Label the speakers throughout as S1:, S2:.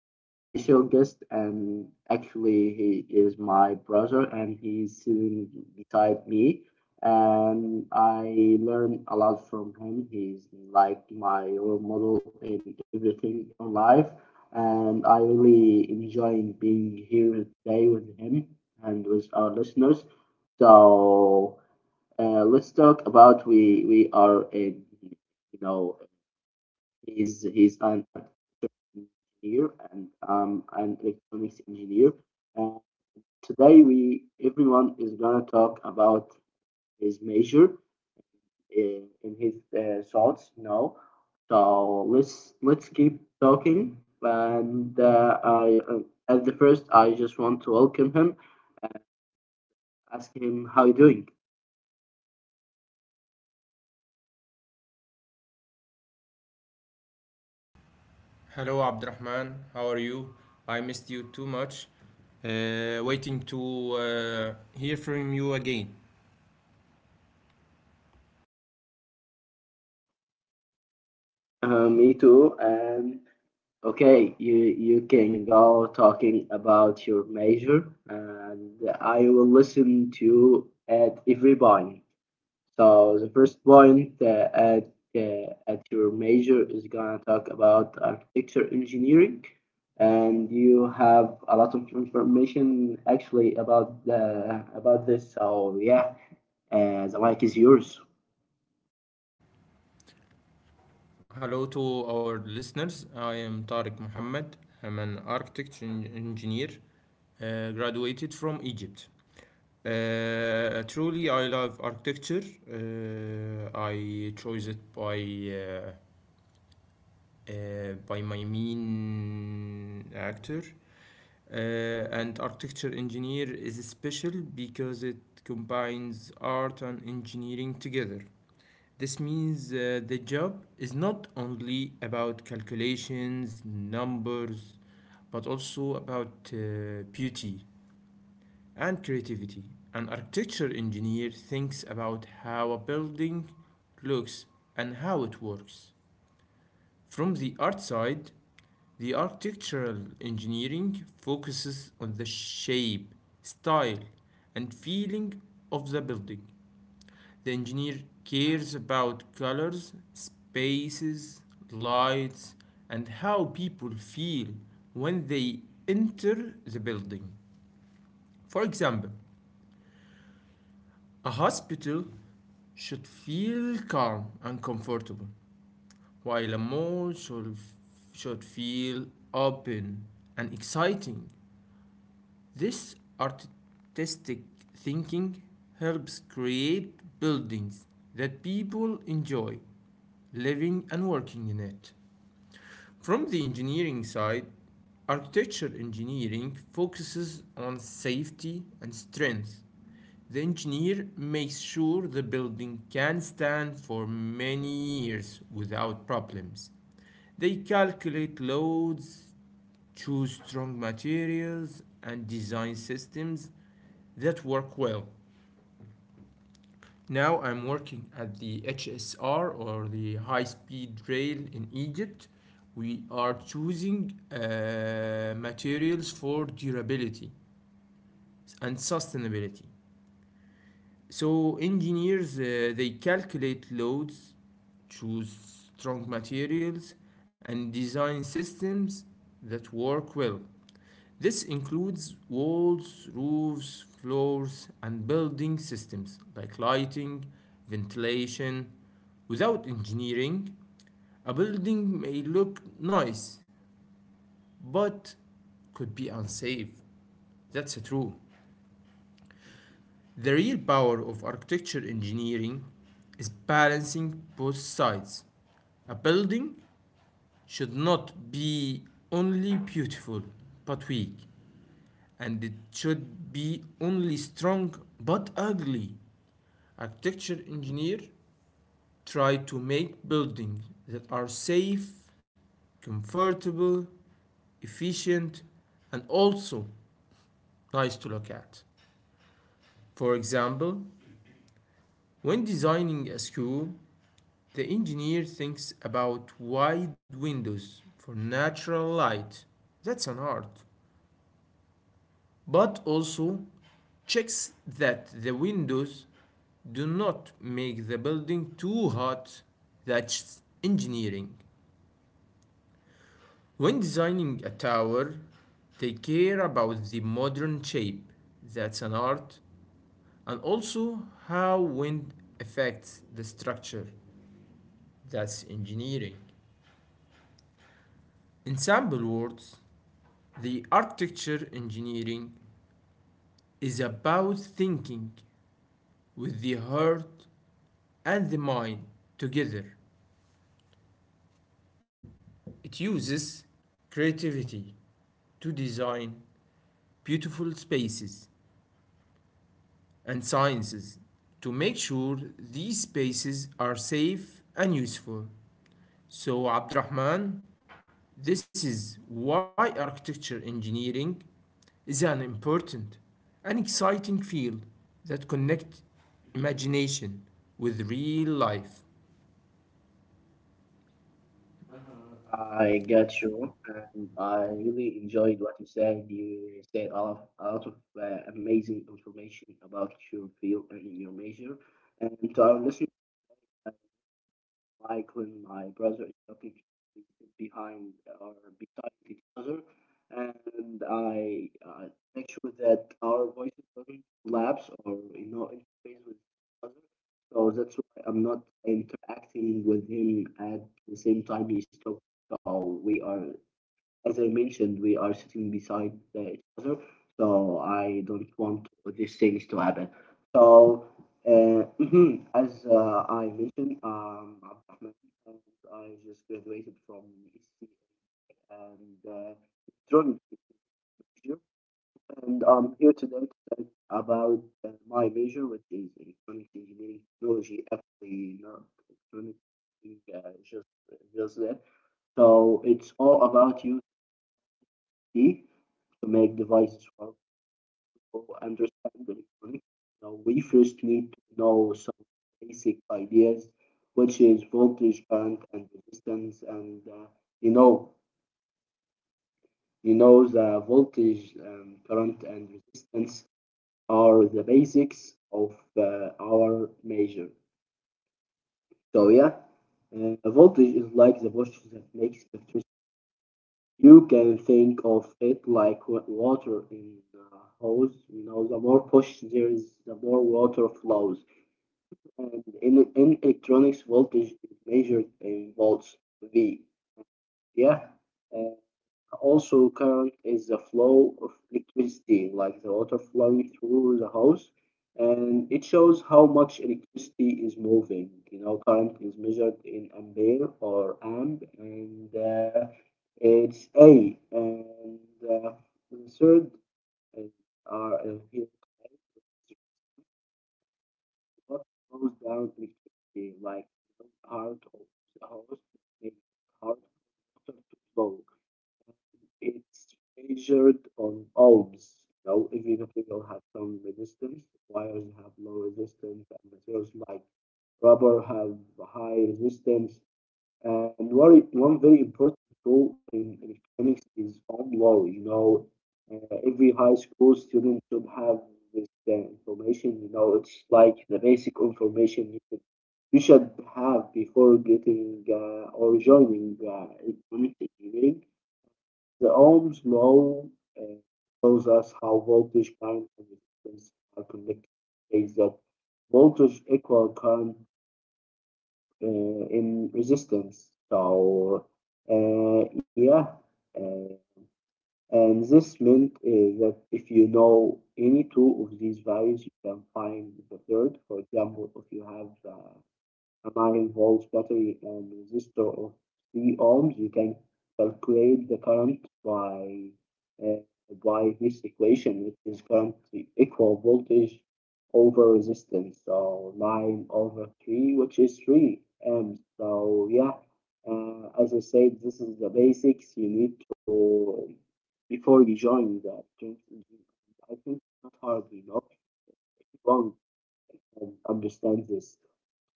S1: have a special guest, and actually, he is my brother, and he's sitting beside me. And I learn a lot from him. He's like my role model in everything in life, and I really enjoying being here today with him and with our listeners. So let's talk about we are in you know he's an engineer and an electronics engineer. And today we everyone is gonna talk about his major in his thoughts. So let's keep talking. And I At the first I just want to welcome him, ask him how you doing.
S2: Hello, Abdurrahman. How are you? I missed you too much. Waiting to hear from you again.
S1: Me too, and okay, you can go talking about your major, and I will listen to at every point. So the first point at your major is gonna talk about architecture engineering, and you have a lot of information actually about the about this. So yeah, the mic is yours.
S2: Hello to our listeners. I am Tariq Mohammed. I'm an architect and engineer, graduated from Egypt. Truly, I love architecture. I chose it uh, by my main actor. And architecture engineer is special because it combines art and engineering together. This means the job is not only about calculations, numbers, but also about beauty and creativity. An architecture engineer thinks about how a building looks and how it works. From the art side, the architectural engineering focuses on the shape, style, and feeling of the building. The engineer cares about colors, spaces, lights, and how people feel when they enter the building. For example, a hospital should feel calm and comfortable, while a mall should feel open and exciting. This artistic thinking helps create buildings that people enjoy living and working in it. From the engineering side, architecture engineering focuses on safety and strength. The engineer makes sure the building can stand for many years without problems. They calculate loads, choose strong materials, and design systems that work well. Now I'm working at the HSR, or the high speed rail, in Egypt. We are choosing materials for durability and sustainability. So engineers they calculate loads, choose strong materials, and design systems that work well. This includes walls, roofs, floors, and building systems like lighting, ventilation. Without engineering, a building may look nice but could be unsafe. That's true. The real power of architecture engineering is balancing both sides. A building should not be only beautiful but weak, and it should be only strong but ugly. Architecture engineer try to make buildings that are safe, comfortable, efficient, and also nice to look at. For example, when designing a school, the engineer thinks about wide windows for natural light. That's an art. But also checks that the windows do not make the building too hot. That's engineering. When designing a tower, they care about the modern shape. That's an art. And also how wind affects the structure. That's engineering. In simple words, the architecture engineering is about thinking with the heart and the mind together. It uses creativity to design beautiful spaces and sciences to make sure these spaces are safe and useful. So, Abdurrahman, this is why architecture engineering is an important and exciting field that connects imagination with real life.
S1: I get you, and I really enjoyed what you said. You said a lot of amazing information about your field and your major. And to our listeners, uh, like when my brother is talking, we sit behind or beside each other, and I make sure that our voices don't lapse or interface with each other. So that's why I'm not interacting with him at the same time he's talking. So we are, as I mentioned, we are sitting beside each other, so I don't want these things to happen. So, mhm, as I mentioned, Abdurrahman, and I just graduated from ECA and electronic major, and I'm here today to talk about my major, which is electronic engineering technology, actually not electronic, uh, just just that. So it's all about you be to make devices for people understand electronics. Now we first need to know some basic ideas, which is voltage, current, and resistance. You know, you know the voltage, current, and resistance are the basics of our measure. So yeah, voltage is like the voltage that makes electricity. You can think of it like water in a hose. You know, the more push there is, the more water flows. And in electronics, voltage is measured in volts, V. Yeah. Uh, also, current is the flow of electricity, like the water flowing through the house, and it shows how much electricity is moving. You know, current is measured in ampere or amp, and it's A. And uh, the third is are here what goes down electricity, like the heart of the house, makes heart Vogue. It's measured on ohms. Now, every material has some resistance. Wires have low resistance, and materials like rubber have high resistance. And one very important tool in electronics is OnLaw. You know, every high school student should have this information. You know, it's like the basic information you should have before getting or joining electronic engineering. The Ohm's law uh, tells us how voltage, current, and resistance are connected. It says that voltage equal current uh, in resistance. So, uh, yeah, uh, and this meant that if you know any two of these values, you can find the third. For example, if you have amine holds battery and resistor of 3 ohms. You can calculate the current uh, by this equation, which is current equal voltage over resistance. So 9 over 3, which is 3 amps. So yeah, as I said, this is the basics you need to before you join the. I think it's not hard, you know, if you don't understand this.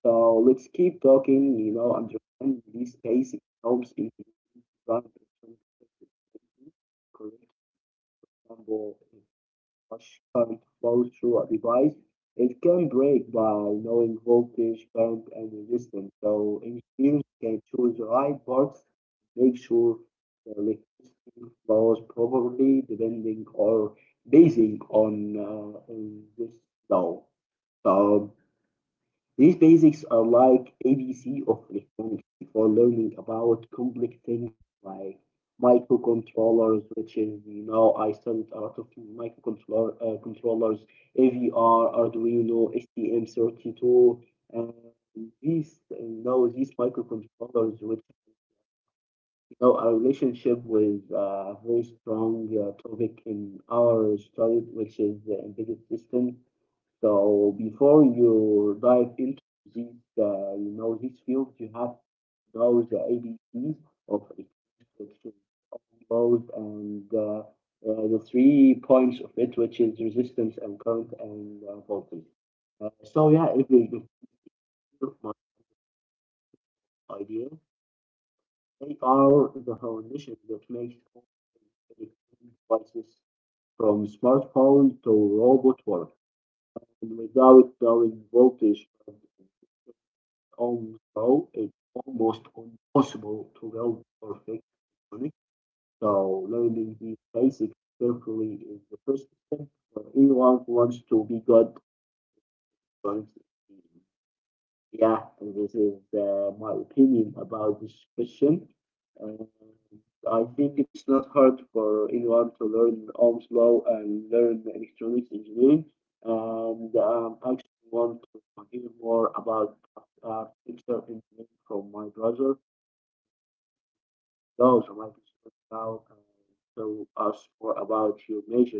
S1: So let's keep talking, you know, understand these basic norms in design correct example much current flows through a device. It can break by knowing voltage, current, and resistance. So engineers can choose the right parts, make sure the electricity flows properly, depending or basing on this law. So these basics are like ABC of electronics for learning about complex things like microcontrollers, which is, you know, I studied a lot of microcontroller controllers, AVR, Arduino, STM32, and these, you know, these microcontrollers, which you know, our relationship with a very strong topic in our study, which is the embedded system. So before you dive into this, you know, this field, you have to know the ABCs of friction, load, and the three points of it, which is resistance and current and voltage. So yeah, if we look at my idea, they are the foundation that makes all electronic devices from smartphone to robot work. And without knowing voltage, although it's almost impossible to build perfect electronics. So learning these basics carefully is the first step for anyone who wants to be good at electronics. Yeah, this is my opinion about this question. Uh, I think it's not hard for anyone to learn Ohm's law and learn electronics engineering. And I actually want to hear more about architecture engineering from my brother. No, so my brother now and tell us more about your major.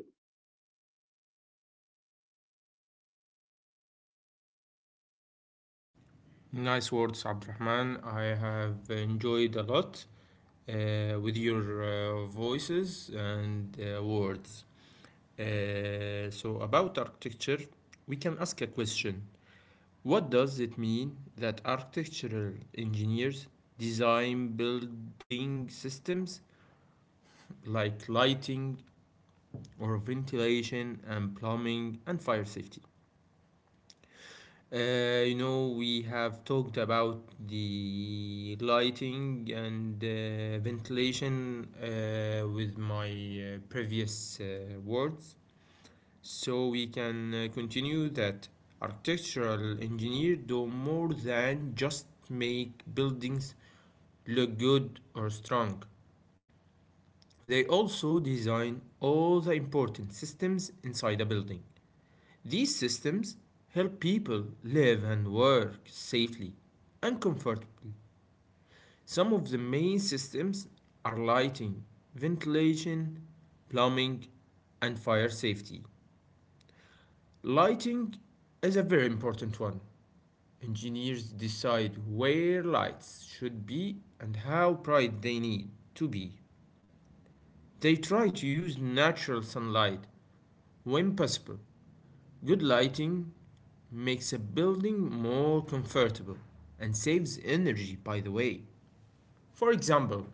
S2: Nice words, Abdurrahman. I have enjoyed a lot with your voices and words. So, about architecture, we can ask a question. What does it mean that architectural engineers design building systems like lighting or ventilation and plumbing and fire safety? You know, we have talked about the lighting and ventilation with my previous words. So we can continue that architectural engineers do more than just make buildings look good or strong. They also design all the important systems inside a building. These systems help people live and work safely and comfortably. Some of the main systems are lighting, ventilation, plumbing, and fire safety. Lighting is a very important one. Engineers decide where lights should be and how bright they need to be. They try to use natural sunlight when possible. Good lighting makes a building more comfortable and saves energy, by the way. For example,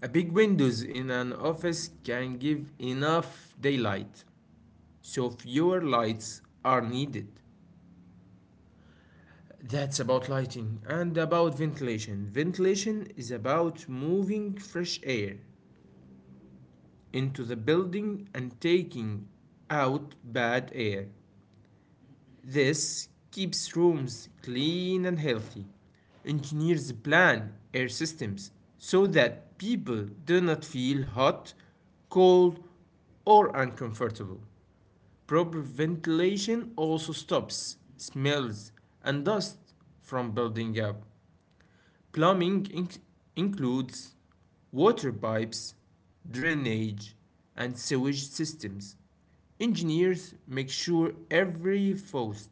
S2: a big windows in an office can give enough daylight, so fewer lights are needed. That's about lighting and about ventilation. Ventilation is about moving fresh air into the building and taking out bad air. This keeps rooms clean and healthy. Engineers plan air systems so that people do not feel hot, cold, or uncomfortable. Proper ventilation also stops smells and dust from building up. Plumbing inc- Includes water pipes, drainage, and sewage systems. Engineers make sure every faucet,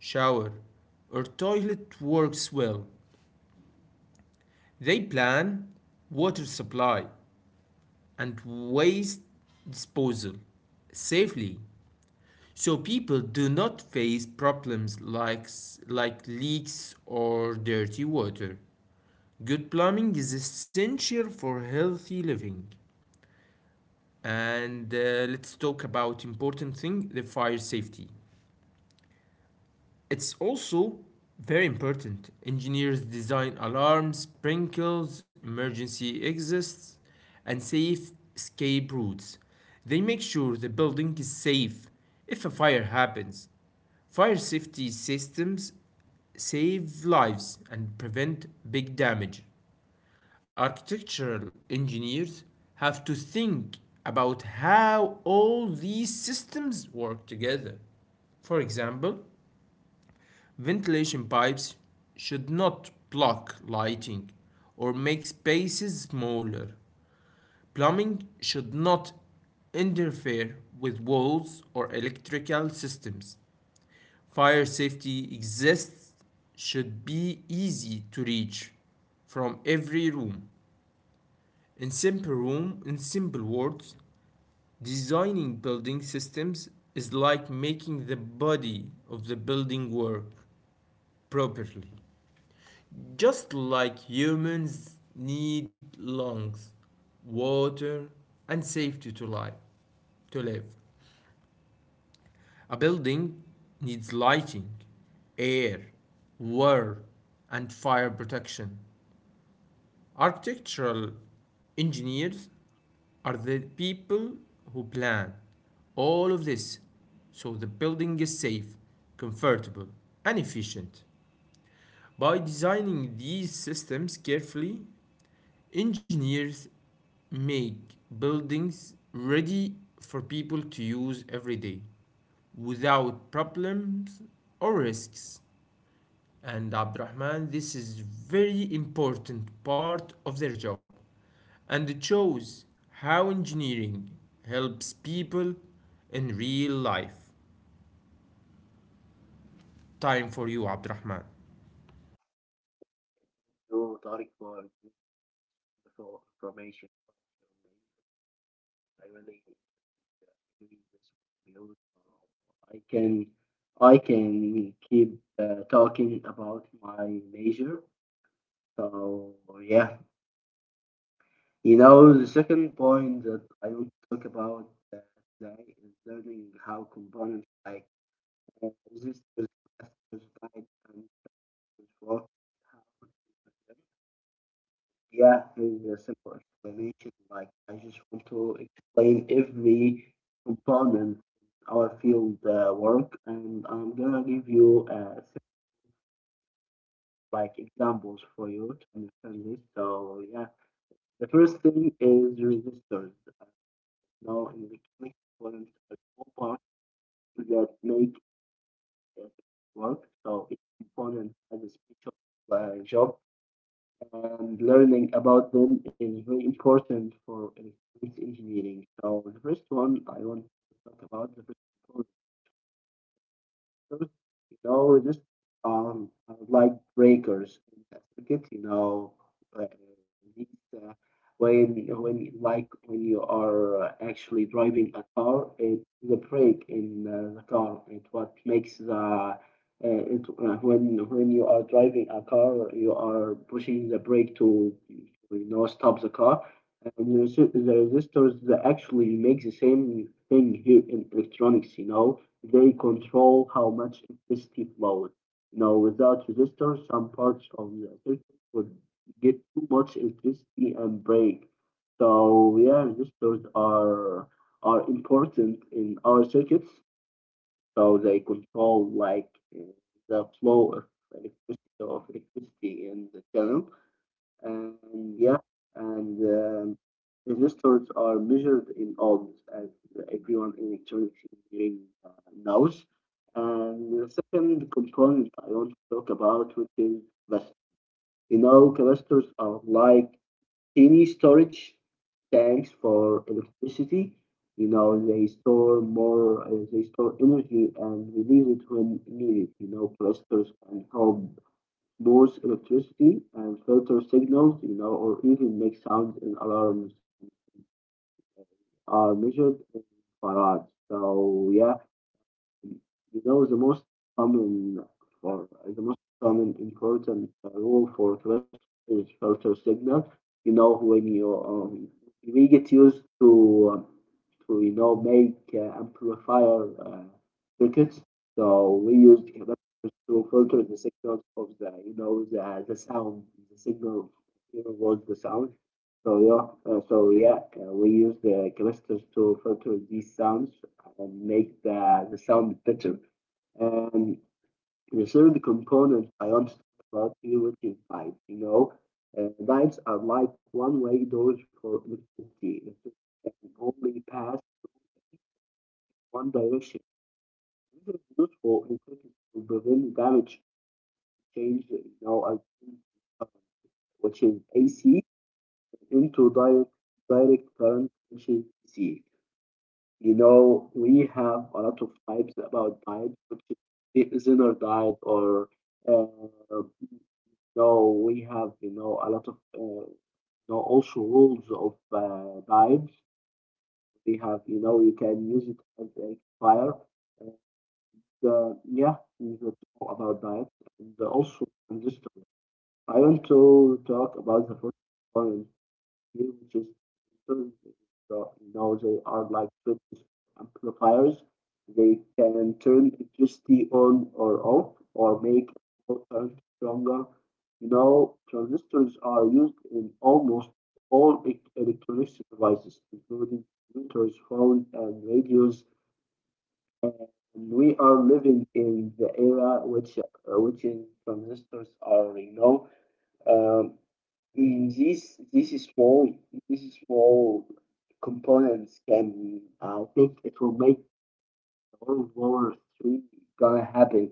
S2: shower, or toilet works well. They plan water supply and waste disposal safely so people do not face problems like leaks or dirty water. Good plumbing is essential for healthy living. And let's talk about important thing, the fire safety. It's also very important. Engineers design alarms, sprinkles, emergency exits, and safe escape routes. They make sure the building is safe if a fire happens. Fire safety systems save lives and prevent big damage. Architectural engineers have to think about how all these systems work together. For example, ventilation pipes should not block lighting or make spaces smaller. Plumbing should not interfere with walls or electrical systems. Fire safety exists should be easy to reach from every room. In simple words, designing building systems is like making the body of the building work properly. Just like humans need lungs, water, and safety to live. A building needs lighting, air, water, and fire protection. Architectural engineers are the people who plan all of this so the building is safe, comfortable, and efficient. By designing these systems carefully, engineers make buildings ready for people to use every day without problems or risks. And Abdurrahman, this is very important part of their job. And it shows how engineering helps people in real life. Time for you, Abdurrahman.
S1: Thank you, Tariq, for the information. I really doing this for you. I can I can keep talking about my major. So yeah, you know the second point that I want to talk about uh, today is learning how components like resistors, capacitors, guides, and transistors work. Yeah, it's a simple explanation. Like, I just want to explain every component in our field work, and I'm gonna give you some, like examples for you to understand this. So, yeah, the first thing is resistors. Uh, Now, in electronic components, are all parts that make it work. So, each component has a special job and learning about them is very important for electronics engineering. So the first one I want to talk about the first you know, we're just um like breakers in the circuit. You know, uh, these, uh, when like when you are actually driving a car, it's the brake in the car. It's what makes the when you are driving a car, you are pushing the brake to you know stop the car. And the the resistors that actually make the same thing here in electronics. You know they control how much electricity flows. You know, without resistors, some parts of the circuit would get too much electricity and break. So yeah, resistors are important in our circuits. So they control like uh, the flow of electricity in the channel. And yeah, and resistors are measured in ohms, as everyone in electronics engineering uh, knows. And the second component I want to talk about, which is capacitors. You know, capacitors are like tiny storage tanks for electricity. You know, they store more, they store energy and release it when needed. You know, capacitors can help both electricity and filter signals, you know, or even make sounds and alarms uh, are measured in farads. So yeah, you know, the most common or the most common important rule for cholesterol is filter signal. You know, when you we get used um, to you know make amplifier uh, circuits, so we use capacitors to filter the signals of the you know the sound, the signal you know, was the sound. So yeah, we use the capacitors to filter these sounds and make the sound better. And the third component I want to talk about here, which is lights. You know, lights are like one-way doors for electricity. Electricity can only pass through one direction. This is useful in order to prevent damage change, you know, which is AC into direct current, which is DC. You know, we have a lot of types about diet, which is the Zener diet, or uh, no, we have you know a lot of you know also rules of diets. We have you know you can use it as a fire, and yeah, we will talk about diet and also transistor. I want to talk about the first one new, which is historically so in Norway are like British amplifiers. They can turn electricity on or off or make current stronger. You know, transistors are used in almost all electronics devices, including computers, phones, and radios. And we are living in the era which in transistors are, you know, um, in this small these small components can I think it will make World War III gonna happen.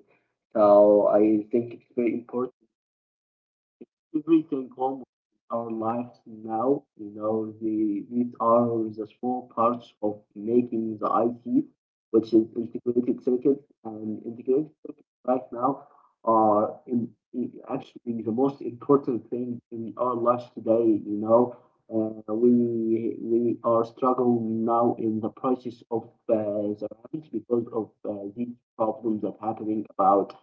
S1: So I think it's very important everything almost in our lives now, you know, the, these are the small parts of making the IC, which is integrated circuits, and integrated circuits right now are in, actually the most important thing in our lives today, you know. We are struggling now in the process of uh, the rise because of these problems that happening about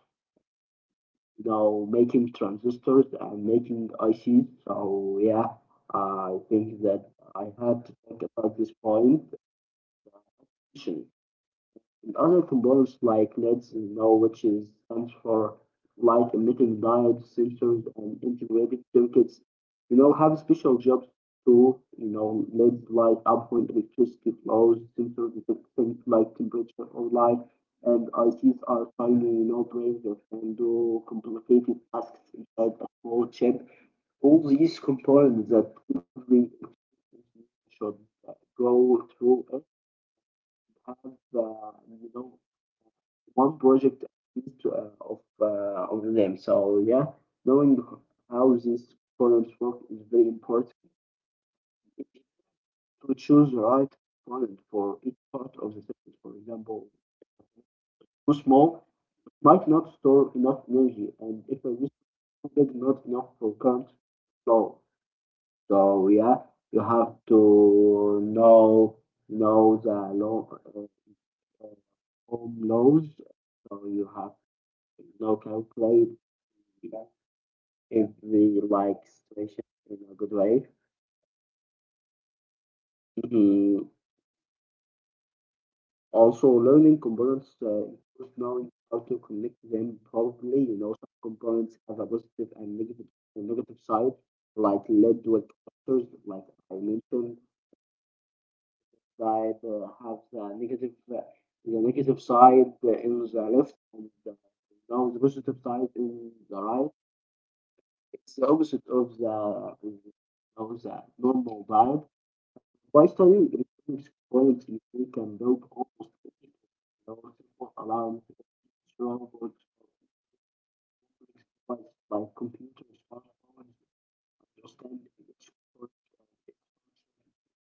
S1: you know, making transistors and making ICs. So yeah, I think that I had to talk about this point. uh, Other components like LEDs and now, which is stands for light emitting diodes, sensors, and integrated circuits, you know, have special jobs to, you know, LEDs light up when electricity flows, sensors detect things like temperature or light, and ICs are tiny, you know, brains that can do complicated tasks inside a small chip. All these components that every should go through it have, uh, you know, one project at least of them. So yeah, knowing how these columns work is very important to choose the right column for each part of the circuit. For example, too small might not store enough energy, and if a is not enough for current flow. So yeah, you have to know the law, uh, uh, Ohm laws. So you have to know calculate. The if we like situation in a good way. Mhm. Also, learning components includes knowing how to connect them properly. You know, some components have a positive and negative a negative side, like lead dual capacitors, like I mentioned, that have the negative, the negative side in the left and now the positive side in the right. It's the opposite of the normal vibe. By studying electronics, quality. We can build almost anything with our simple alarm, strong words, or complex devices like computers, smartphones, understanding its work and its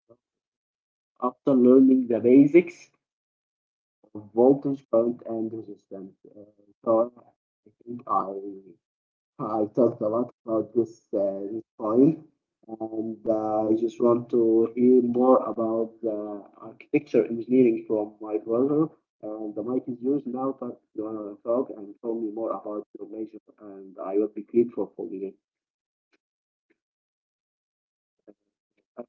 S1: function. After learning the basics of voltage, current, and resistance, so I think I talked a lot about this this point, and I just want to hear more about the architecture engineering from my brother. And the mic is yours now. Talk, you wanna talk and tell me more about your major, and I will be grateful for you. Uh,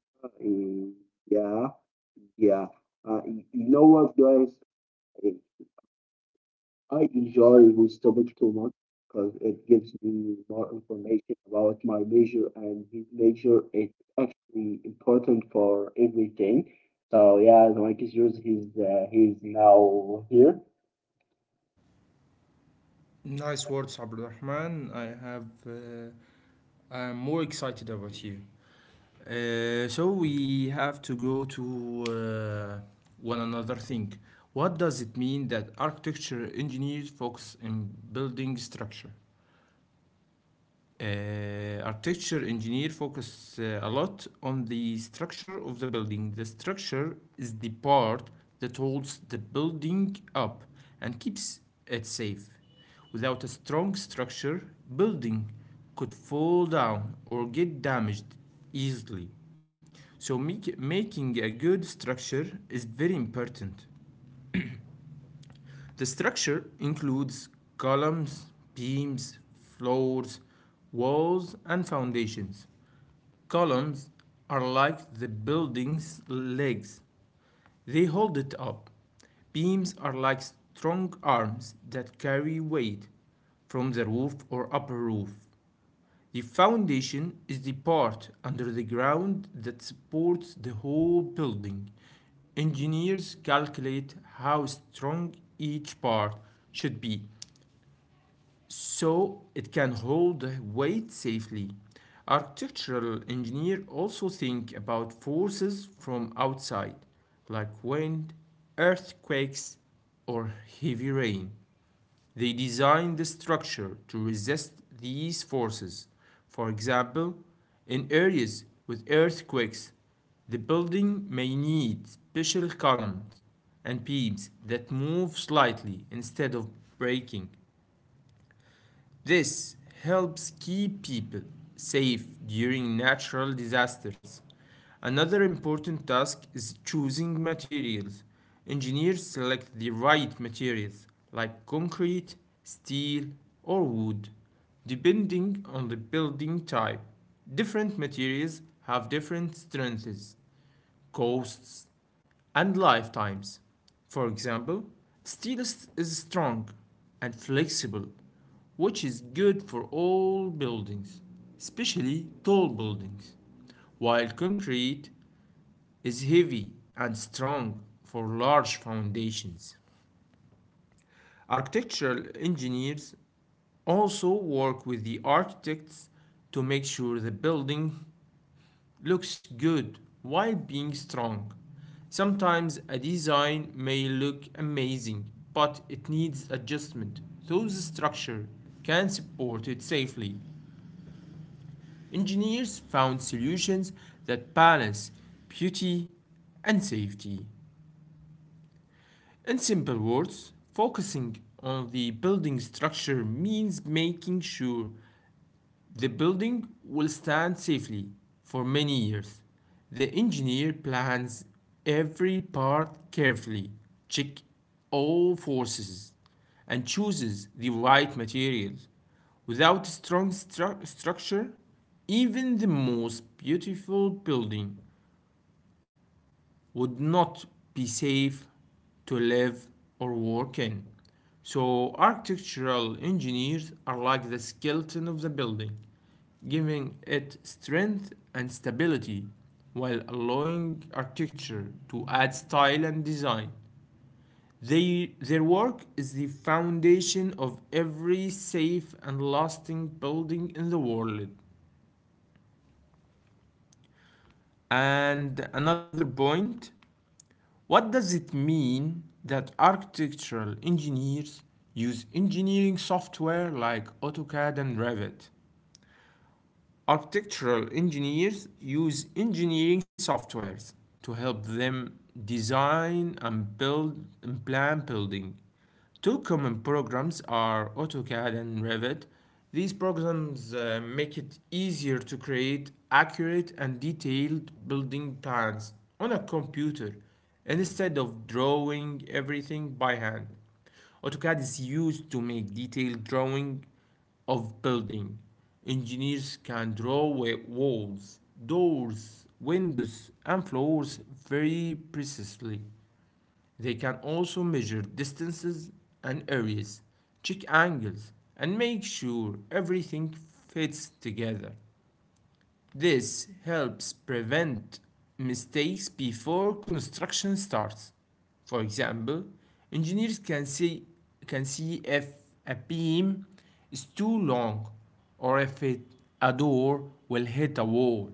S1: yeah, yeah. You know what, guys? I enjoy this topic too much because it gives me more information about my major, and this major is actually important for everything. So yeah, the mic is yours. He's now here.
S2: Nice words, Abdurrahman. I have. I'm more excited about you. So we have to go to one another thing. What does it mean that architecture engineers focus in building structure? Architecture engineer focus a lot on the structure of the building. The structure is the part that holds the building up and keeps it safe. Without a strong structure, building could fall down or get damaged easily. So making a good structure is very important. The structure includes columns, beams, floors, walls, and foundations. Columns are like the building's legs. They hold it up. Beams are like strong arms that carry weight from the roof or upper roof. The foundation is the part under the ground that supports the whole building. Engineers calculate how strong each part should be so it can hold the weight safely. Architectural engineers also think about forces from outside, like wind, earthquakes, or heavy rain. They design the structure to resist these forces. For example, in areas with earthquakes, the building may need special columns and beams that move slightly instead of breaking. This helps keep people safe during natural disasters. Another important task is choosing materials. Engineers select the right materials like concrete, steel, or wood. Depending on the building type, different materials have different strengths, costs, and lifetimes. For example, steel is, strong and flexible, which is good for all buildings, especially tall buildings, while concrete is heavy and strong for large foundations. Architectural engineers also work with the architects to make sure the building looks good while being strong. Sometimes a design may look amazing, but it needs adjustment, so the structure can support it safely. Engineers found solutions that balance beauty and safety. In simple words, focusing on the building structure means making sure the building will stand safely for many years. The engineer plans every part carefully, checks all forces, and chooses the right materials. Without structure, even the most beautiful building would not be safe to live or work in. So, architectural engineers are like the skeleton of the building, giving it strength and stability while allowing architecture to add style and design. Their work is the foundation of every safe and lasting building in the world. And another point: what does it mean that architectural engineers use engineering software like AutoCAD and Revit? Architectural engineers use engineering softwares to help them design and build and plan building. Two common programs are AutoCAD and Revit. These programs make it easier to create accurate and detailed building plans on a computer instead of drawing everything by hand. AutoCAD is used to make detailed drawing of building. Engineers can draw walls, doors, windows, and floors very precisely. They can also measure distances and areas, check angles, and make sure everything fits together. This helps prevent mistakes before construction starts. For example, engineers can see if a beam is too long or if it, a door will hit a wall.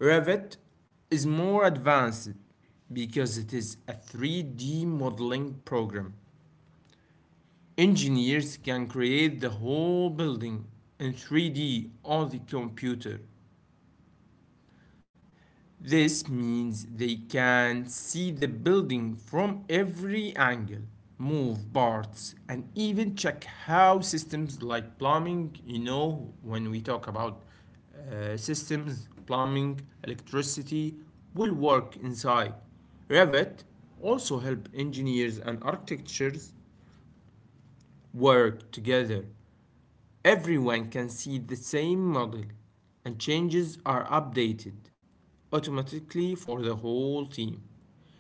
S2: Revit is more advanced because it is a 3D modeling program. Engineers can create the whole building in 3D on the computer. This means they can see the building from every angle, move parts, and even check how systems like plumbing, you know, when we talk about systems, plumbing, electricity, will work inside. Revit also help engineers and architects work together. Everyone can see the same model, and changes are updated automatically for the whole team.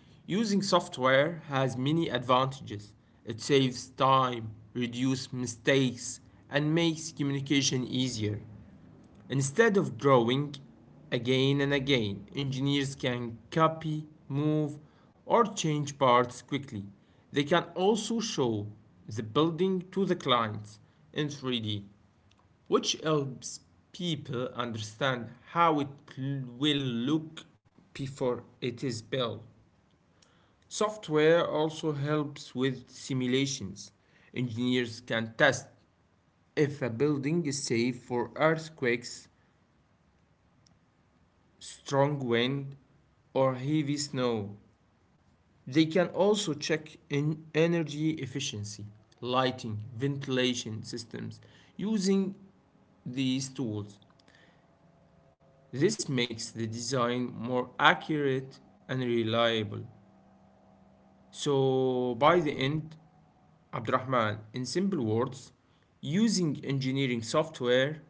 S2: Using software has many advantages. It saves time, reduces mistakes, and makes communication easier. Instead of drawing again and again, engineers can copy, move, or change parts quickly. They can also show the building to the clients in 3D, which helps people understand how will look before it is built. Software also helps with simulations. Engineers can test if a building is safe for earthquakes, strong wind, or heavy snow. They can also check in energy efficiency, lighting, ventilation systems using these tools. This makes the design more accurate and reliable. So by the end, Abdurrahman, in simple words, using engineering software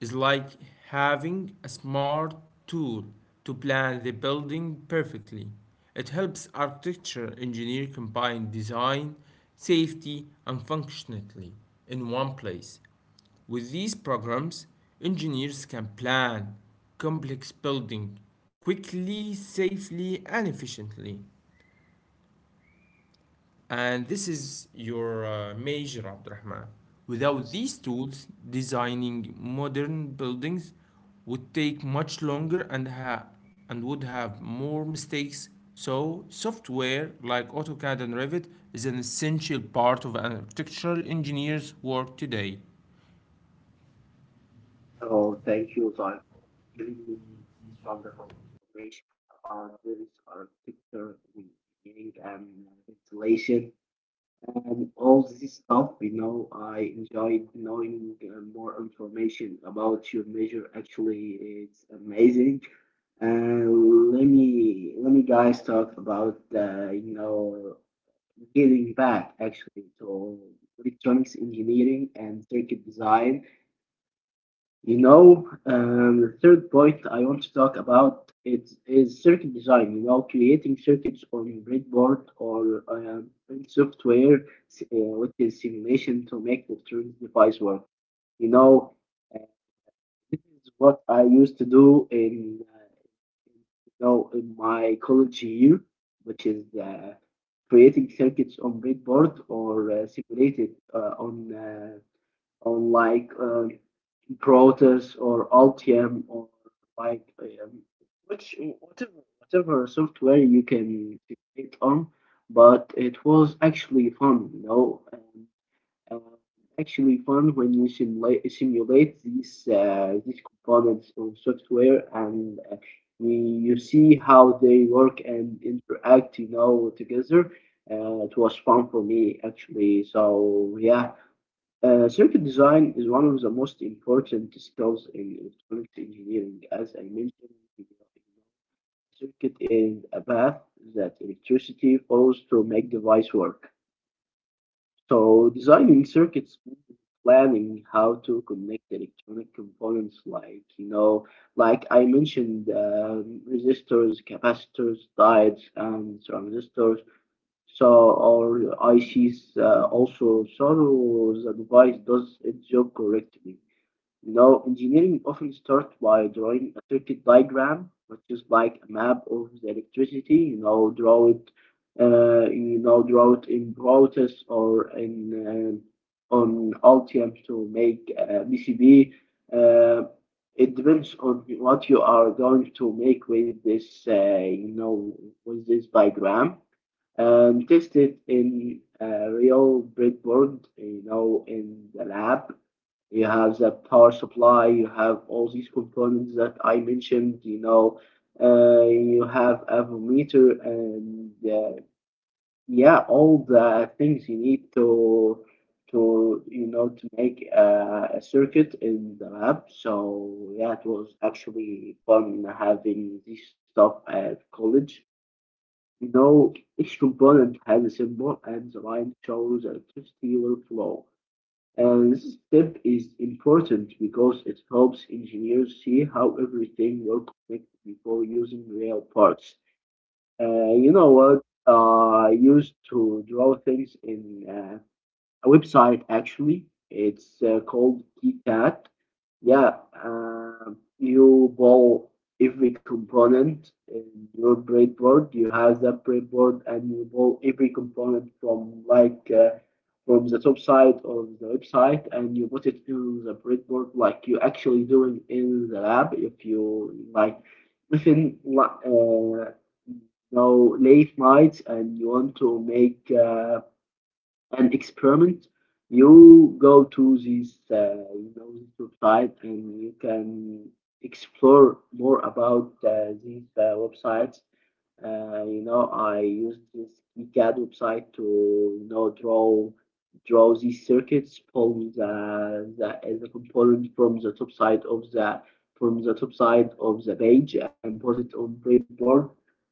S2: is like having a smart tool to plan the building perfectly. It helps architecture engineer combine design, safety, and functionality in one place. With these programs, engineers can plan complex building quickly, safely, and efficiently. And this is your major, Abdurrahman. Without these tools, designing modern buildings would take much longer and would have more mistakes. So, software like AutoCAD and Revit is an essential part of an architectural engineer's work today.
S1: So thank you for giving me wonderful information about this architecture, engineering, and ventilation. And all this stuff, you know, I enjoyed knowing more information about your measure. Actually, it's amazing. And let me guys talk about you know getting back actually to electronics engineering and circuit design. You know, the third point I want to talk about is circuit design. You know, creating circuits on breadboard or in software, uh, which is simulation to make the electronic device work. You know, uh, this is what I used to do in, you know, in my college year, which is creating circuits on breadboard or simulated on like Protus or Altium or like which whatever software you can create on, but it was actually fun, you know, and uh, actually fun when you simulate these components of software and you see how they work and interact, you know, together. It was fun for me actually. So yeah, circuit design is one of the most important skills in electronics engineering. As I mentioned, you circuit is a path that electricity follows to make device work. So designing circuits means planning how to connect electronic components like, you know, like I mentioned, resistors, capacitors, diodes, and transistors, so our ICs also saw the device does its job correctly. Now, engineering often starts by drawing a circuit diagram, which is like a map of the electricity. You know, draw it, you know, draw it in Brotus or in on Altium to make a PCB. Uh, it depends on what you are going to make with this, you know, with this diagram and test it in real breadboard, you know, in the lab. You have the power supply, you have all these components that I mentioned, you know, you have a voltmeter, and yeah, all the things you need to you know to make a circuit in the lab. So yeah, it was actually fun having this stuff at college. Now, each component has a symbol and the line shows the electricity will flow. And this step is important because it helps engineers see how everything will connect before using real parts. You know what? I used to draw things in uh, a website actually. It's called KeyCat. Yeah, uh, you buy every component in your breadboard. You have that breadboard, and you buy every component from like from the top side of the website, and you put it in the breadboard like you actually doing in the lab. If you like within la- uh, no late nights and you want to make an experiment. You go to this, you know, this website and you can explore more about these websites. You know, I used this ECAD website to, you know, draw these circuits, pull the component from the top side of the from the top side of the page and put it on breadboard.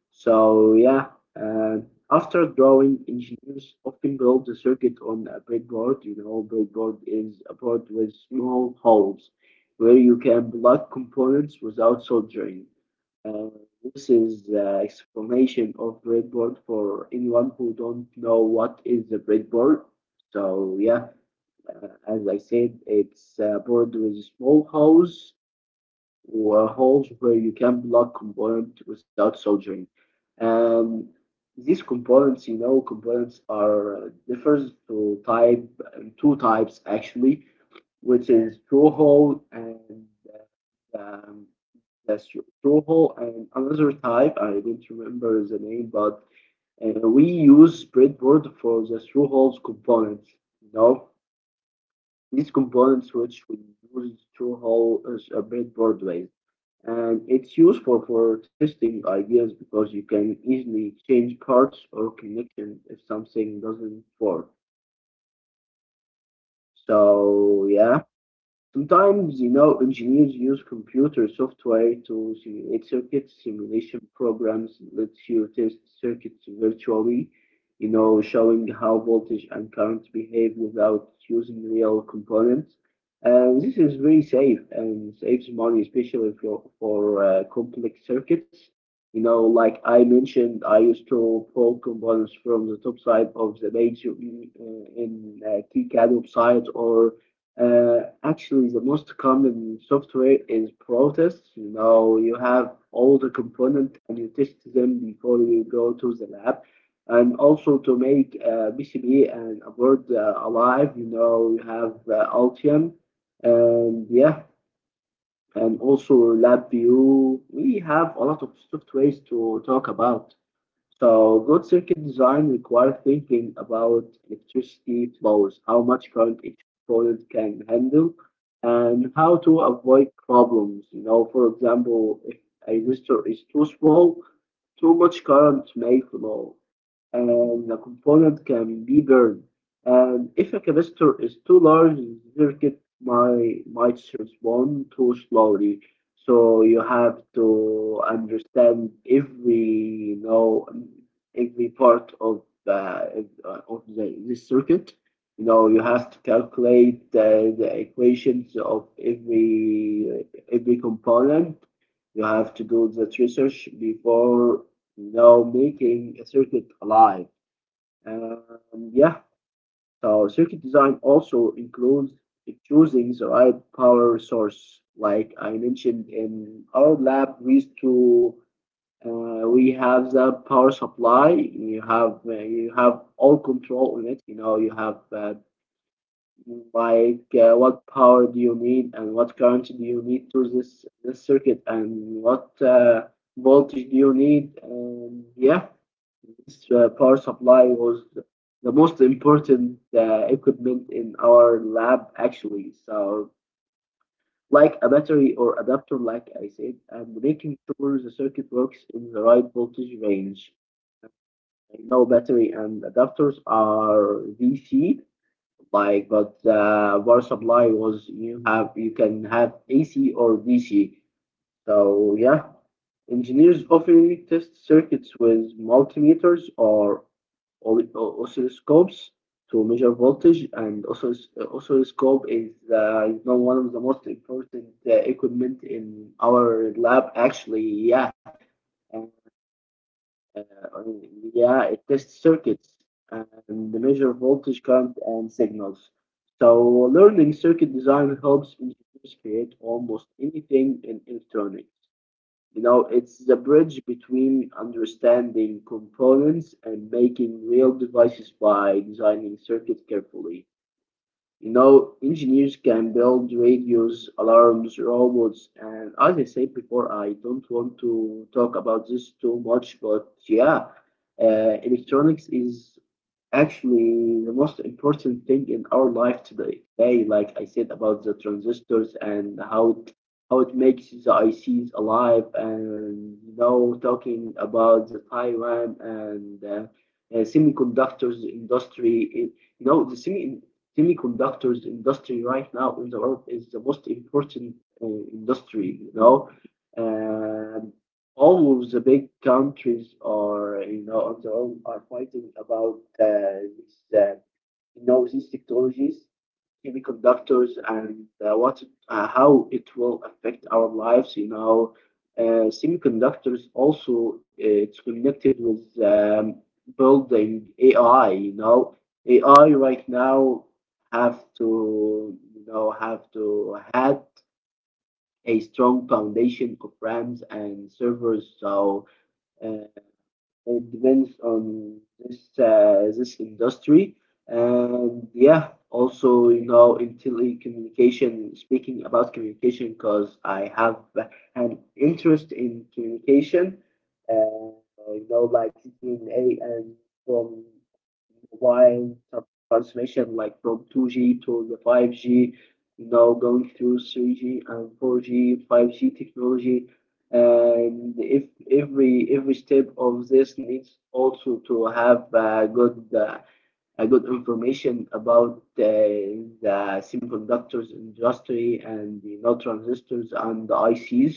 S1: So yeah, uh, after drawing, engineers often build the circuit on a breadboard. You know, breadboard is a board with small holes where you can plug components without soldering. Uh, this is the explanation of breadboard for anyone who don't know what is a breadboard. So yeah, as I said, it's a board with small holes or holes where you can plug component without soldering. And these components, you know, components are differs to type two types actually, which is through hole and um, that's through hole and another type. I don't remember the name, but we use breadboard for the through holes components. You know, these components which we use through hole as a breadboard way and it's useful for testing ideas because you can easily change parts or connection if something doesn't work. So yeah. Sometimes, you know, engineers use computer software to simulate circuits. Simulation programs let you test circuits virtually, you know, showing how voltage and current behave without using real components. And this is very safe and saves money, especially for complex circuits. You know, like I mentioned, I used to pull components from the top side of the page in KiCad website or actually, the most common software is Protus. You know, you have all the component and you test them before you go to the lab. And also to make PCB and a board alive, you know, you have Altium. And yeah, and also LabVIEW. We have a lot of softwares to talk about. So good circuit design requires thinking about electricity flows, how much current each component can handle, and how to avoid problems. You know, for example, if a resistor is too small, too much current may flow, and the component can be burned. And if a capacitor is too large, the circuit my might respond too slowly. So you have to understand every you know every part of the this circuit. You know you have to calculate the equations of every component. You have to do that research before you know making a circuit alive. Yeah. So circuit design also includes choosing the right power source. Like I mentioned in our lab, we used to we have the power supply. You have all control on it. You know you have what power do you need and what current do you need to this this circuit and what voltage do you need and yeah this power supply was the most important equipment in our lab actually so like a battery or adapter like I said and making sure the circuit works in the right voltage range. I know battery and adapters are DC like but power supply was you have you can have AC or DC. So yeah, engineers often test circuits with multimeters or oscilloscopes to measure voltage, and oscilloscope is you know one of the most important equipment in our lab. Actually, yeah, and, uh, yeah, it tests circuits and measure voltage, current, and signals. So learning circuit design helps engineers create almost anything in electronics. You know, it's the bridge between understanding components and making real devices by designing circuits carefully. You know, engineers can build radios, alarms, robots, and as I said before, I don't want to talk about this too much, but yeah, electronics is actually the most important thing in our life today. Today, like I said about the transistors and how it makes the ICs alive, and you know, talking about the Taiwan and semiconductors industry. It, you know, the semiconductors industry right now in the world is the most important uh, industry. You know. And all of the big countries are, you know, on their own are fighting about these you know, these technologies, semiconductors, and how it will affect our lives, you know. Semiconductors also, it's connected with building AI, you know. AI right now have to, you know, have to had a strong foundation of RAMs and servers. So uh, it depends on this this industry, and yeah, also you know, in telecommunication. Speaking about communication, because I have an interest in communication, uh, you know, like DNA and from mobile transmission, like from 2G to the 5G. You know, going through 3G and 4G, 5G technology, and if every step of this needs also to have a good information about the semiconductors industry and the no transistors and the ICs.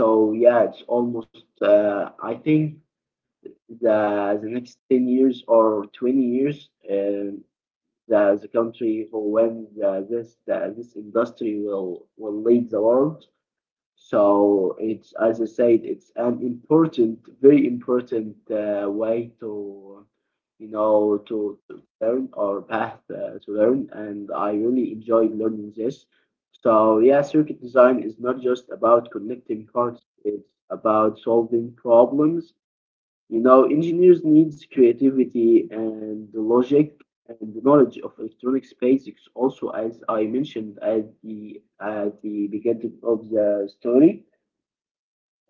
S1: So yeah, it's almost I think the next 10 years or 20 years, the country who when this industry will lead the world. So it's, as I said, it's an important, very important way to, you know, to learn, or path to learn. And I really enjoyed learning this. So yeah, circuit design is not just about connecting parts, it's about solving problems. You know, engineers needs creativity and the logic and the knowledge of electronics basics, also as I mentioned at the beginning of the story.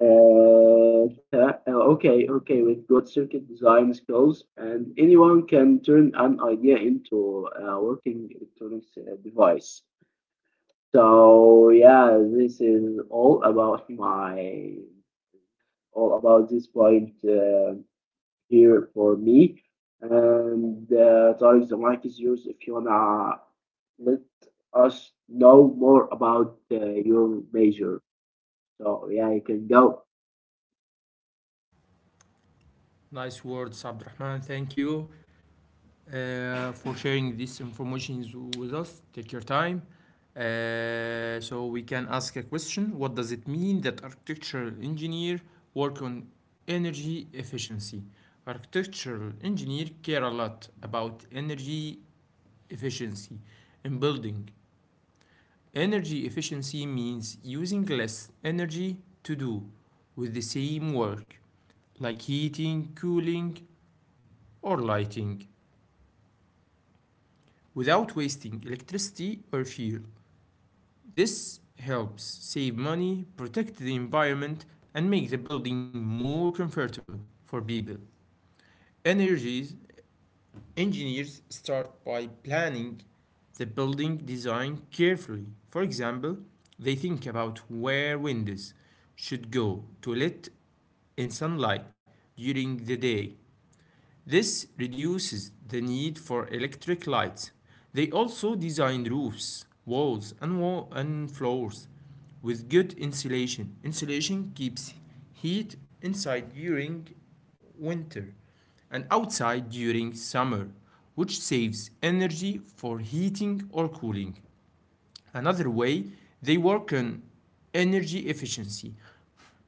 S1: Okay, okay, with good circuit design skills, and anyone can turn an idea into a working electronics device. So yeah, this is all about my all about this point here for me. And Tariq, the mic is yours if you wanna let us know more about your major. So yeah, you can go.
S2: Nice words, Abdurrahman. Thank you for sharing this information with us. Take your time. So we can ask a question. What does it mean that architectural engineer work on energy efficiency? Architectural engineer care a lot about energy efficiency in building. Energy efficiency means using less energy to do with the same work, like heating, cooling, or lighting, without wasting electricity or fuel. This helps save money, protect the environment, and make the building more comfortable for people. Energies engineers start by planning the building design carefully. For example, they think about where windows should go to let in sunlight during the day. This reduces the need for electric lights. They also designed roofs, walls, and, and floors with good insulation. Insulation keeps heat inside during winter and outside during summer, which saves energy for heating or cooling. Another way they work on energy efficiency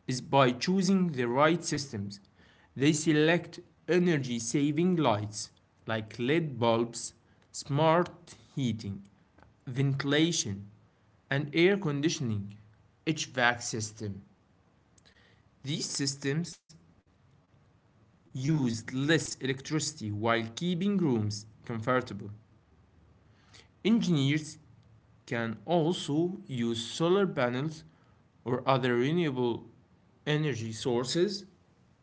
S2: is by choosing the right systems. They select energy saving lights like LED bulbs, smart heating, ventilation, and air conditioning, HVAC system. These systems use less electricity while keeping rooms comfortable. Engineers can also use solar panels or other renewable energy sources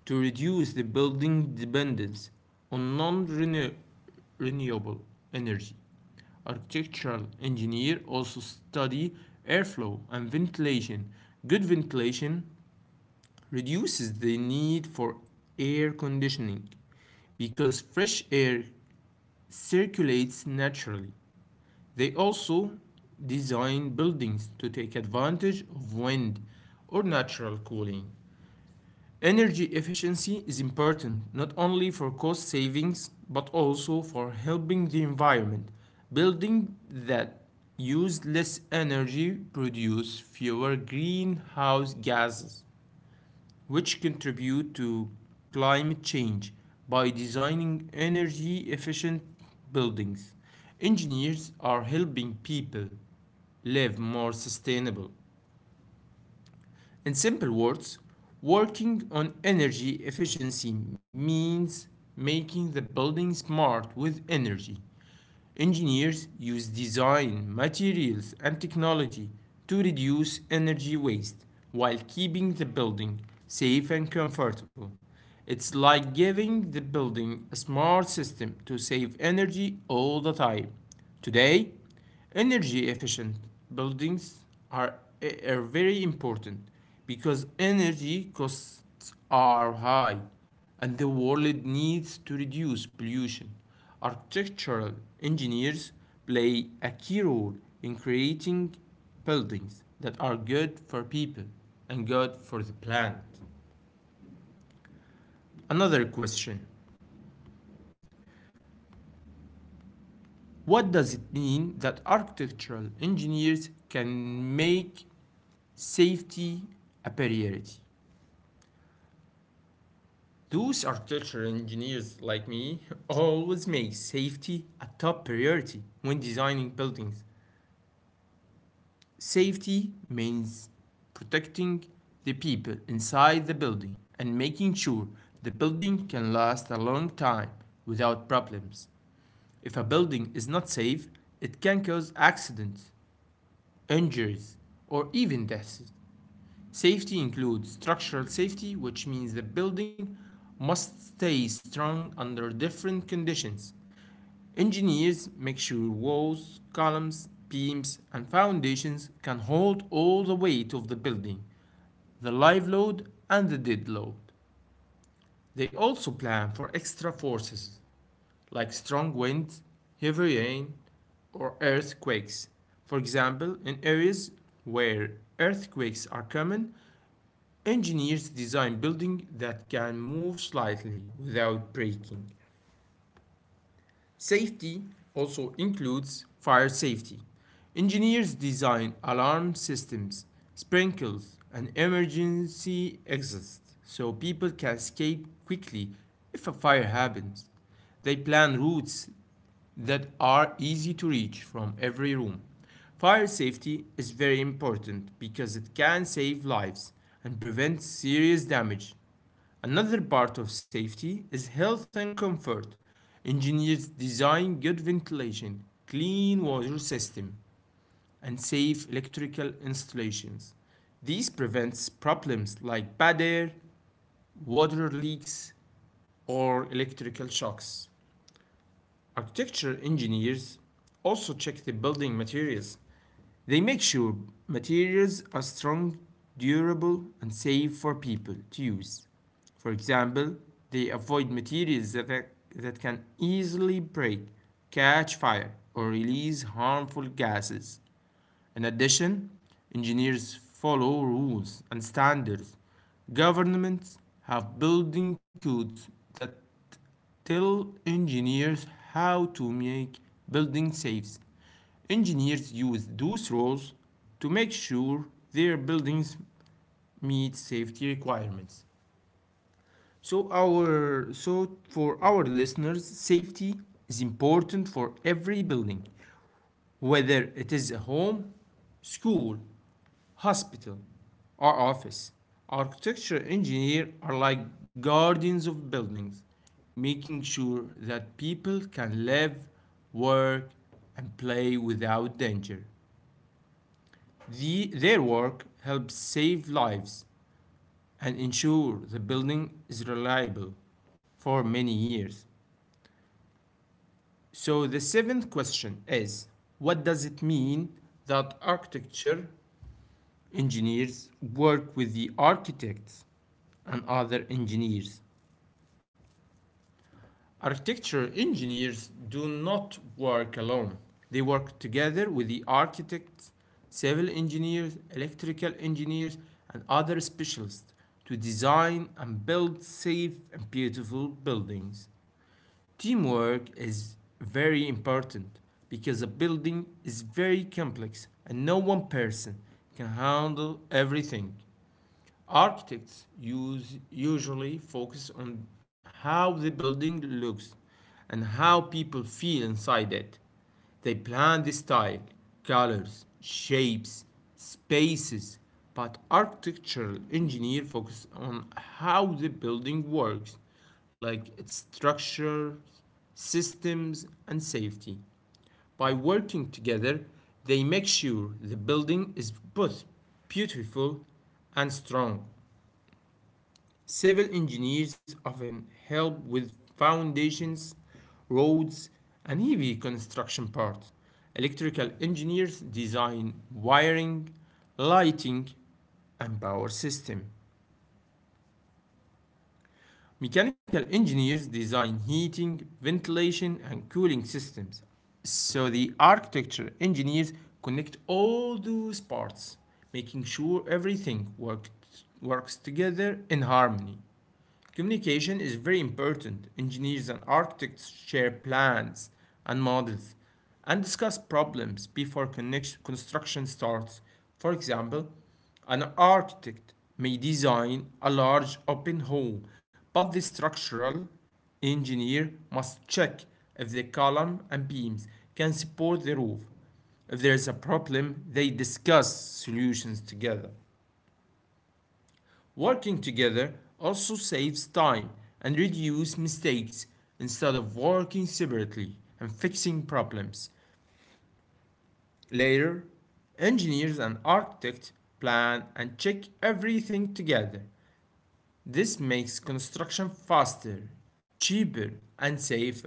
S2: to reduce the building dependence on non-renewable energy. Architectural engineers also study airflow and ventilation. Good ventilation reduces the need for air conditioning because fresh air circulates naturally. They also design buildings to take advantage of wind or natural cooling. Energy efficiency is important not only for cost savings but also for helping the environment. Buildings that use less energy produce fewer greenhouse gases which contribute to climate change. By designing energy efficient buildings, engineers are helping people live more sustainable. In simple words, working on energy efficiency means making the building smart with energy. Engineers use design, materials, and technology to reduce energy waste while keeping the building safe and comfortable. It's like giving the building a smart system to save energy all the time. Today, energy efficient buildings are, are very important because energy costs are high and the world needs to reduce pollution. Architectural engineers play a key role in creating buildings that are good for people and good for the planet. Another question: what does it mean that architectural engineers can make safety aperiority? Those architecture engineers like me always make safety a top priority when designing buildings. Safety means protecting the people inside the building and making sure the building can last a long time without problems. If a building is not safe, it can cause accidents, injuries, or even deaths. Safety includes structural safety, which means the building must stay strong under different conditions. Engineers make sure walls, columns, beams, and foundations can hold all the weight of the building, the live load and the dead load. They also plan for extra forces like strong winds, heavy rain, or earthquakes. For example, in areas where earthquakes are common, engineers design buildings that can move slightly without breaking. Safety also includes fire safety. Engineers design alarm systems, sprinkles, and emergency exits so people can escape quickly if a fire happens. They plan routes that are easy to reach from every room. Fire safety is very important because it can save lives and prevent serious damage. Another part of safety is health and comfort. Engineers design good ventilation, clean water system, and safe electrical installations. These prevents problems like bad air, water leaks, or electrical shocks. Architecture engineers also check the building materials. They make sure materials are strong, durable, and safe for people to use. For example, they avoid materials that can easily break, catch fire, or release harmful gases. In addition, engineers follow rules and standards. Governments have building codes that tell engineers how to make buildings safe. Engineers use those rules to make sure their buildings meet safety requirements. So for our listeners, safety is important for every building, whether it is a home, school, hospital, or office. Architecture engineers are like guardians of buildings, making sure that people can live, work, and play without danger. Their work helps save lives and ensure the building is reliable for many years. So, the seventh question is: what does it mean that architecture engineers work with the architects and other engineers? Architecture engineers do not work alone. They work together with the architects, civil engineers, electrical engineers, and other specialists to design and build safe and beautiful buildings. Teamwork is very important because a building is very complex and no one person can handle everything. Architects use usually focus on how the building looks and how people feel inside it. They plan the style, colors, shapes, spaces, but architectural engineer focus on how the building works, like its structure, systems, and safety. By working together, they make sure the building is both beautiful and strong. Civil engineers often help with foundations, roads, and heavy construction parts. Electrical engineers design wiring, lighting, and power system. Mechanical engineers design heating, ventilation, and cooling systems. So the architecture engineers connect all those parts, making sure everything works together in harmony. Communication is very important. Engineers and architects share plans and models and discuss problems before construction starts. For example, an architect may design a large open hall, but the structural engineer must check if the column and beams can support the roof. If there is a problem, they discuss solutions together. Working together also saves time and reduces mistakes instead of working separately and fixing problems later. Engineers and architects plan and check everything together. This makes construction faster, cheaper, and safer.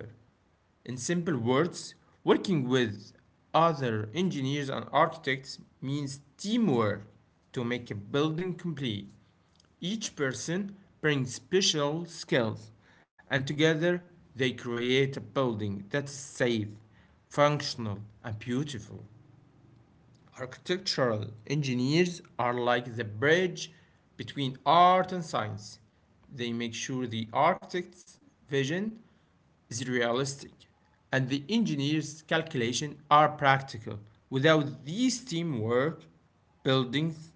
S2: In simple words, working with other engineers and architects means teamwork to make a building complete. Each person brings special skills, and together they create a building that is safe, functional, and beautiful. Architectural engineers are like the bridge between art and science. They make sure the architect's vision is realistic and the engineer's calculations are practical. Without this teamwork, buildings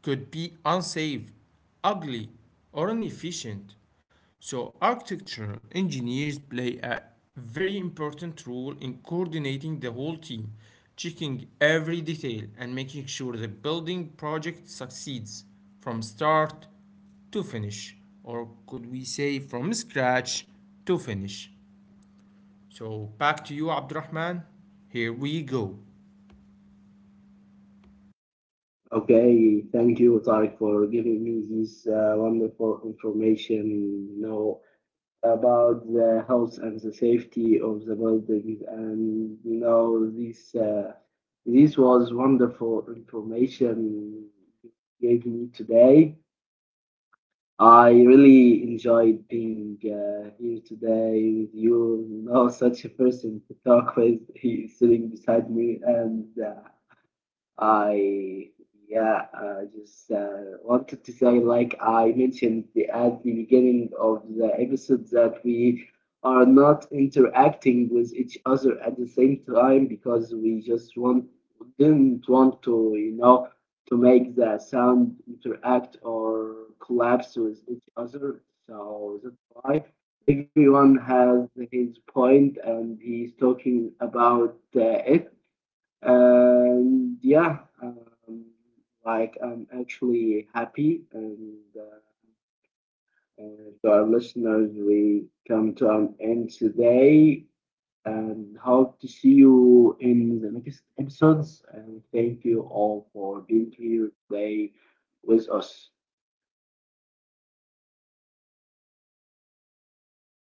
S2: could be unsafe, ugly, or inefficient. So, architectural engineers play a very important role in coordinating the whole team, checking every detail, and making sure the building project succeeds from start to finish, or could we say from scratch to finish? So back to you, Abdurrahman. Here we go.
S1: Okay, thank you, Tariq, for giving me this wonderful information, you know, about the health and the safety of the buildings. And you know, this this was wonderful information you gave me today. I really enjoyed being here today with you. You know, such a person to talk with. He's sitting beside me, and I yeah, I just wanted to say, like I mentioned at the beginning of the episode, that we are not interacting with each other at the same time because we just want didn't want to, you know, to make the sound interact or collapse with each other. So that's why everyone has his point and he's talking about it. And yeah, like I'm actually happy and to our listeners, we come to an end today and hope to see you in the next episodes. And thank you all for being here today with us.